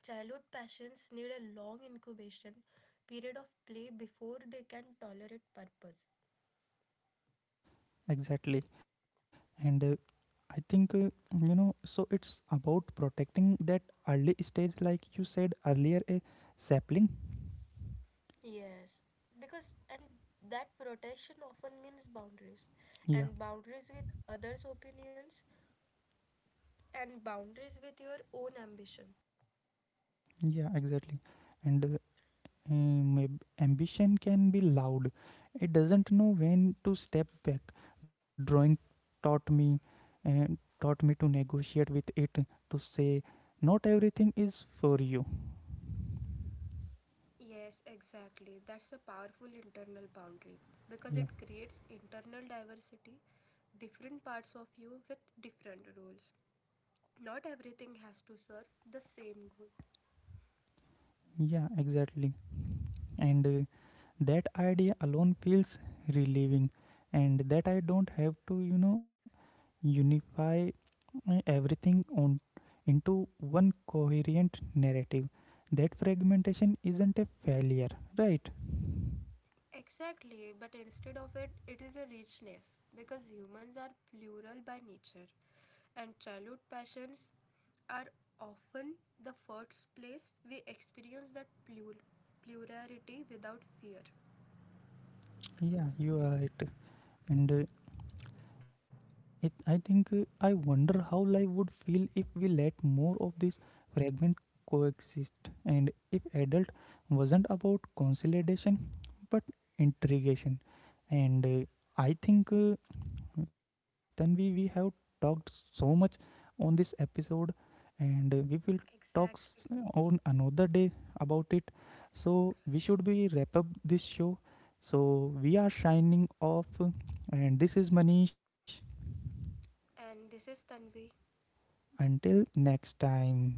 Speaker 2: Childhood passions need a long incubation period of play before they can tolerate purpose.
Speaker 1: exactly. And I think, so it's about protecting that early stage, like you said earlier, a sapling.
Speaker 2: Yes, because and that protection often means boundaries and
Speaker 1: Yeah,
Speaker 2: boundaries with others' opinions and boundaries with your own ambition.
Speaker 1: yeah, exactly. And uh, ambition can be loud. It doesn't know when to step back. Drawing taught me, and taught me to negotiate with it, to say not everything is for you.
Speaker 2: Yes, exactly. That's a powerful internal boundary because
Speaker 1: Yeah,
Speaker 2: it creates internal diversity, different parts of you with different roles. Not everything has to serve the same goal.
Speaker 1: yeah, exactly. And that idea alone feels relieving, and that I don't have to, unify everything on into one coherent narrative. That fragmentation isn't a failure, right?
Speaker 2: Exactly, but instead of it, it is a richness because humans are plural by nature, and childhood passions are often the first place we experience that plurality without fear.
Speaker 1: Yeah, you are right. And it I think I wonder how life would feel if we let more of this fragment coexist, and if adult wasn't about consolidation but intrigation. And I think Then we have talked so much on this episode, and we will talk s-
Speaker 2: Exactly.
Speaker 1: on another day about it so we should be wrap up this show. So we are shining off, and this is Manish.
Speaker 2: And this is Tanvi.
Speaker 1: Until next time.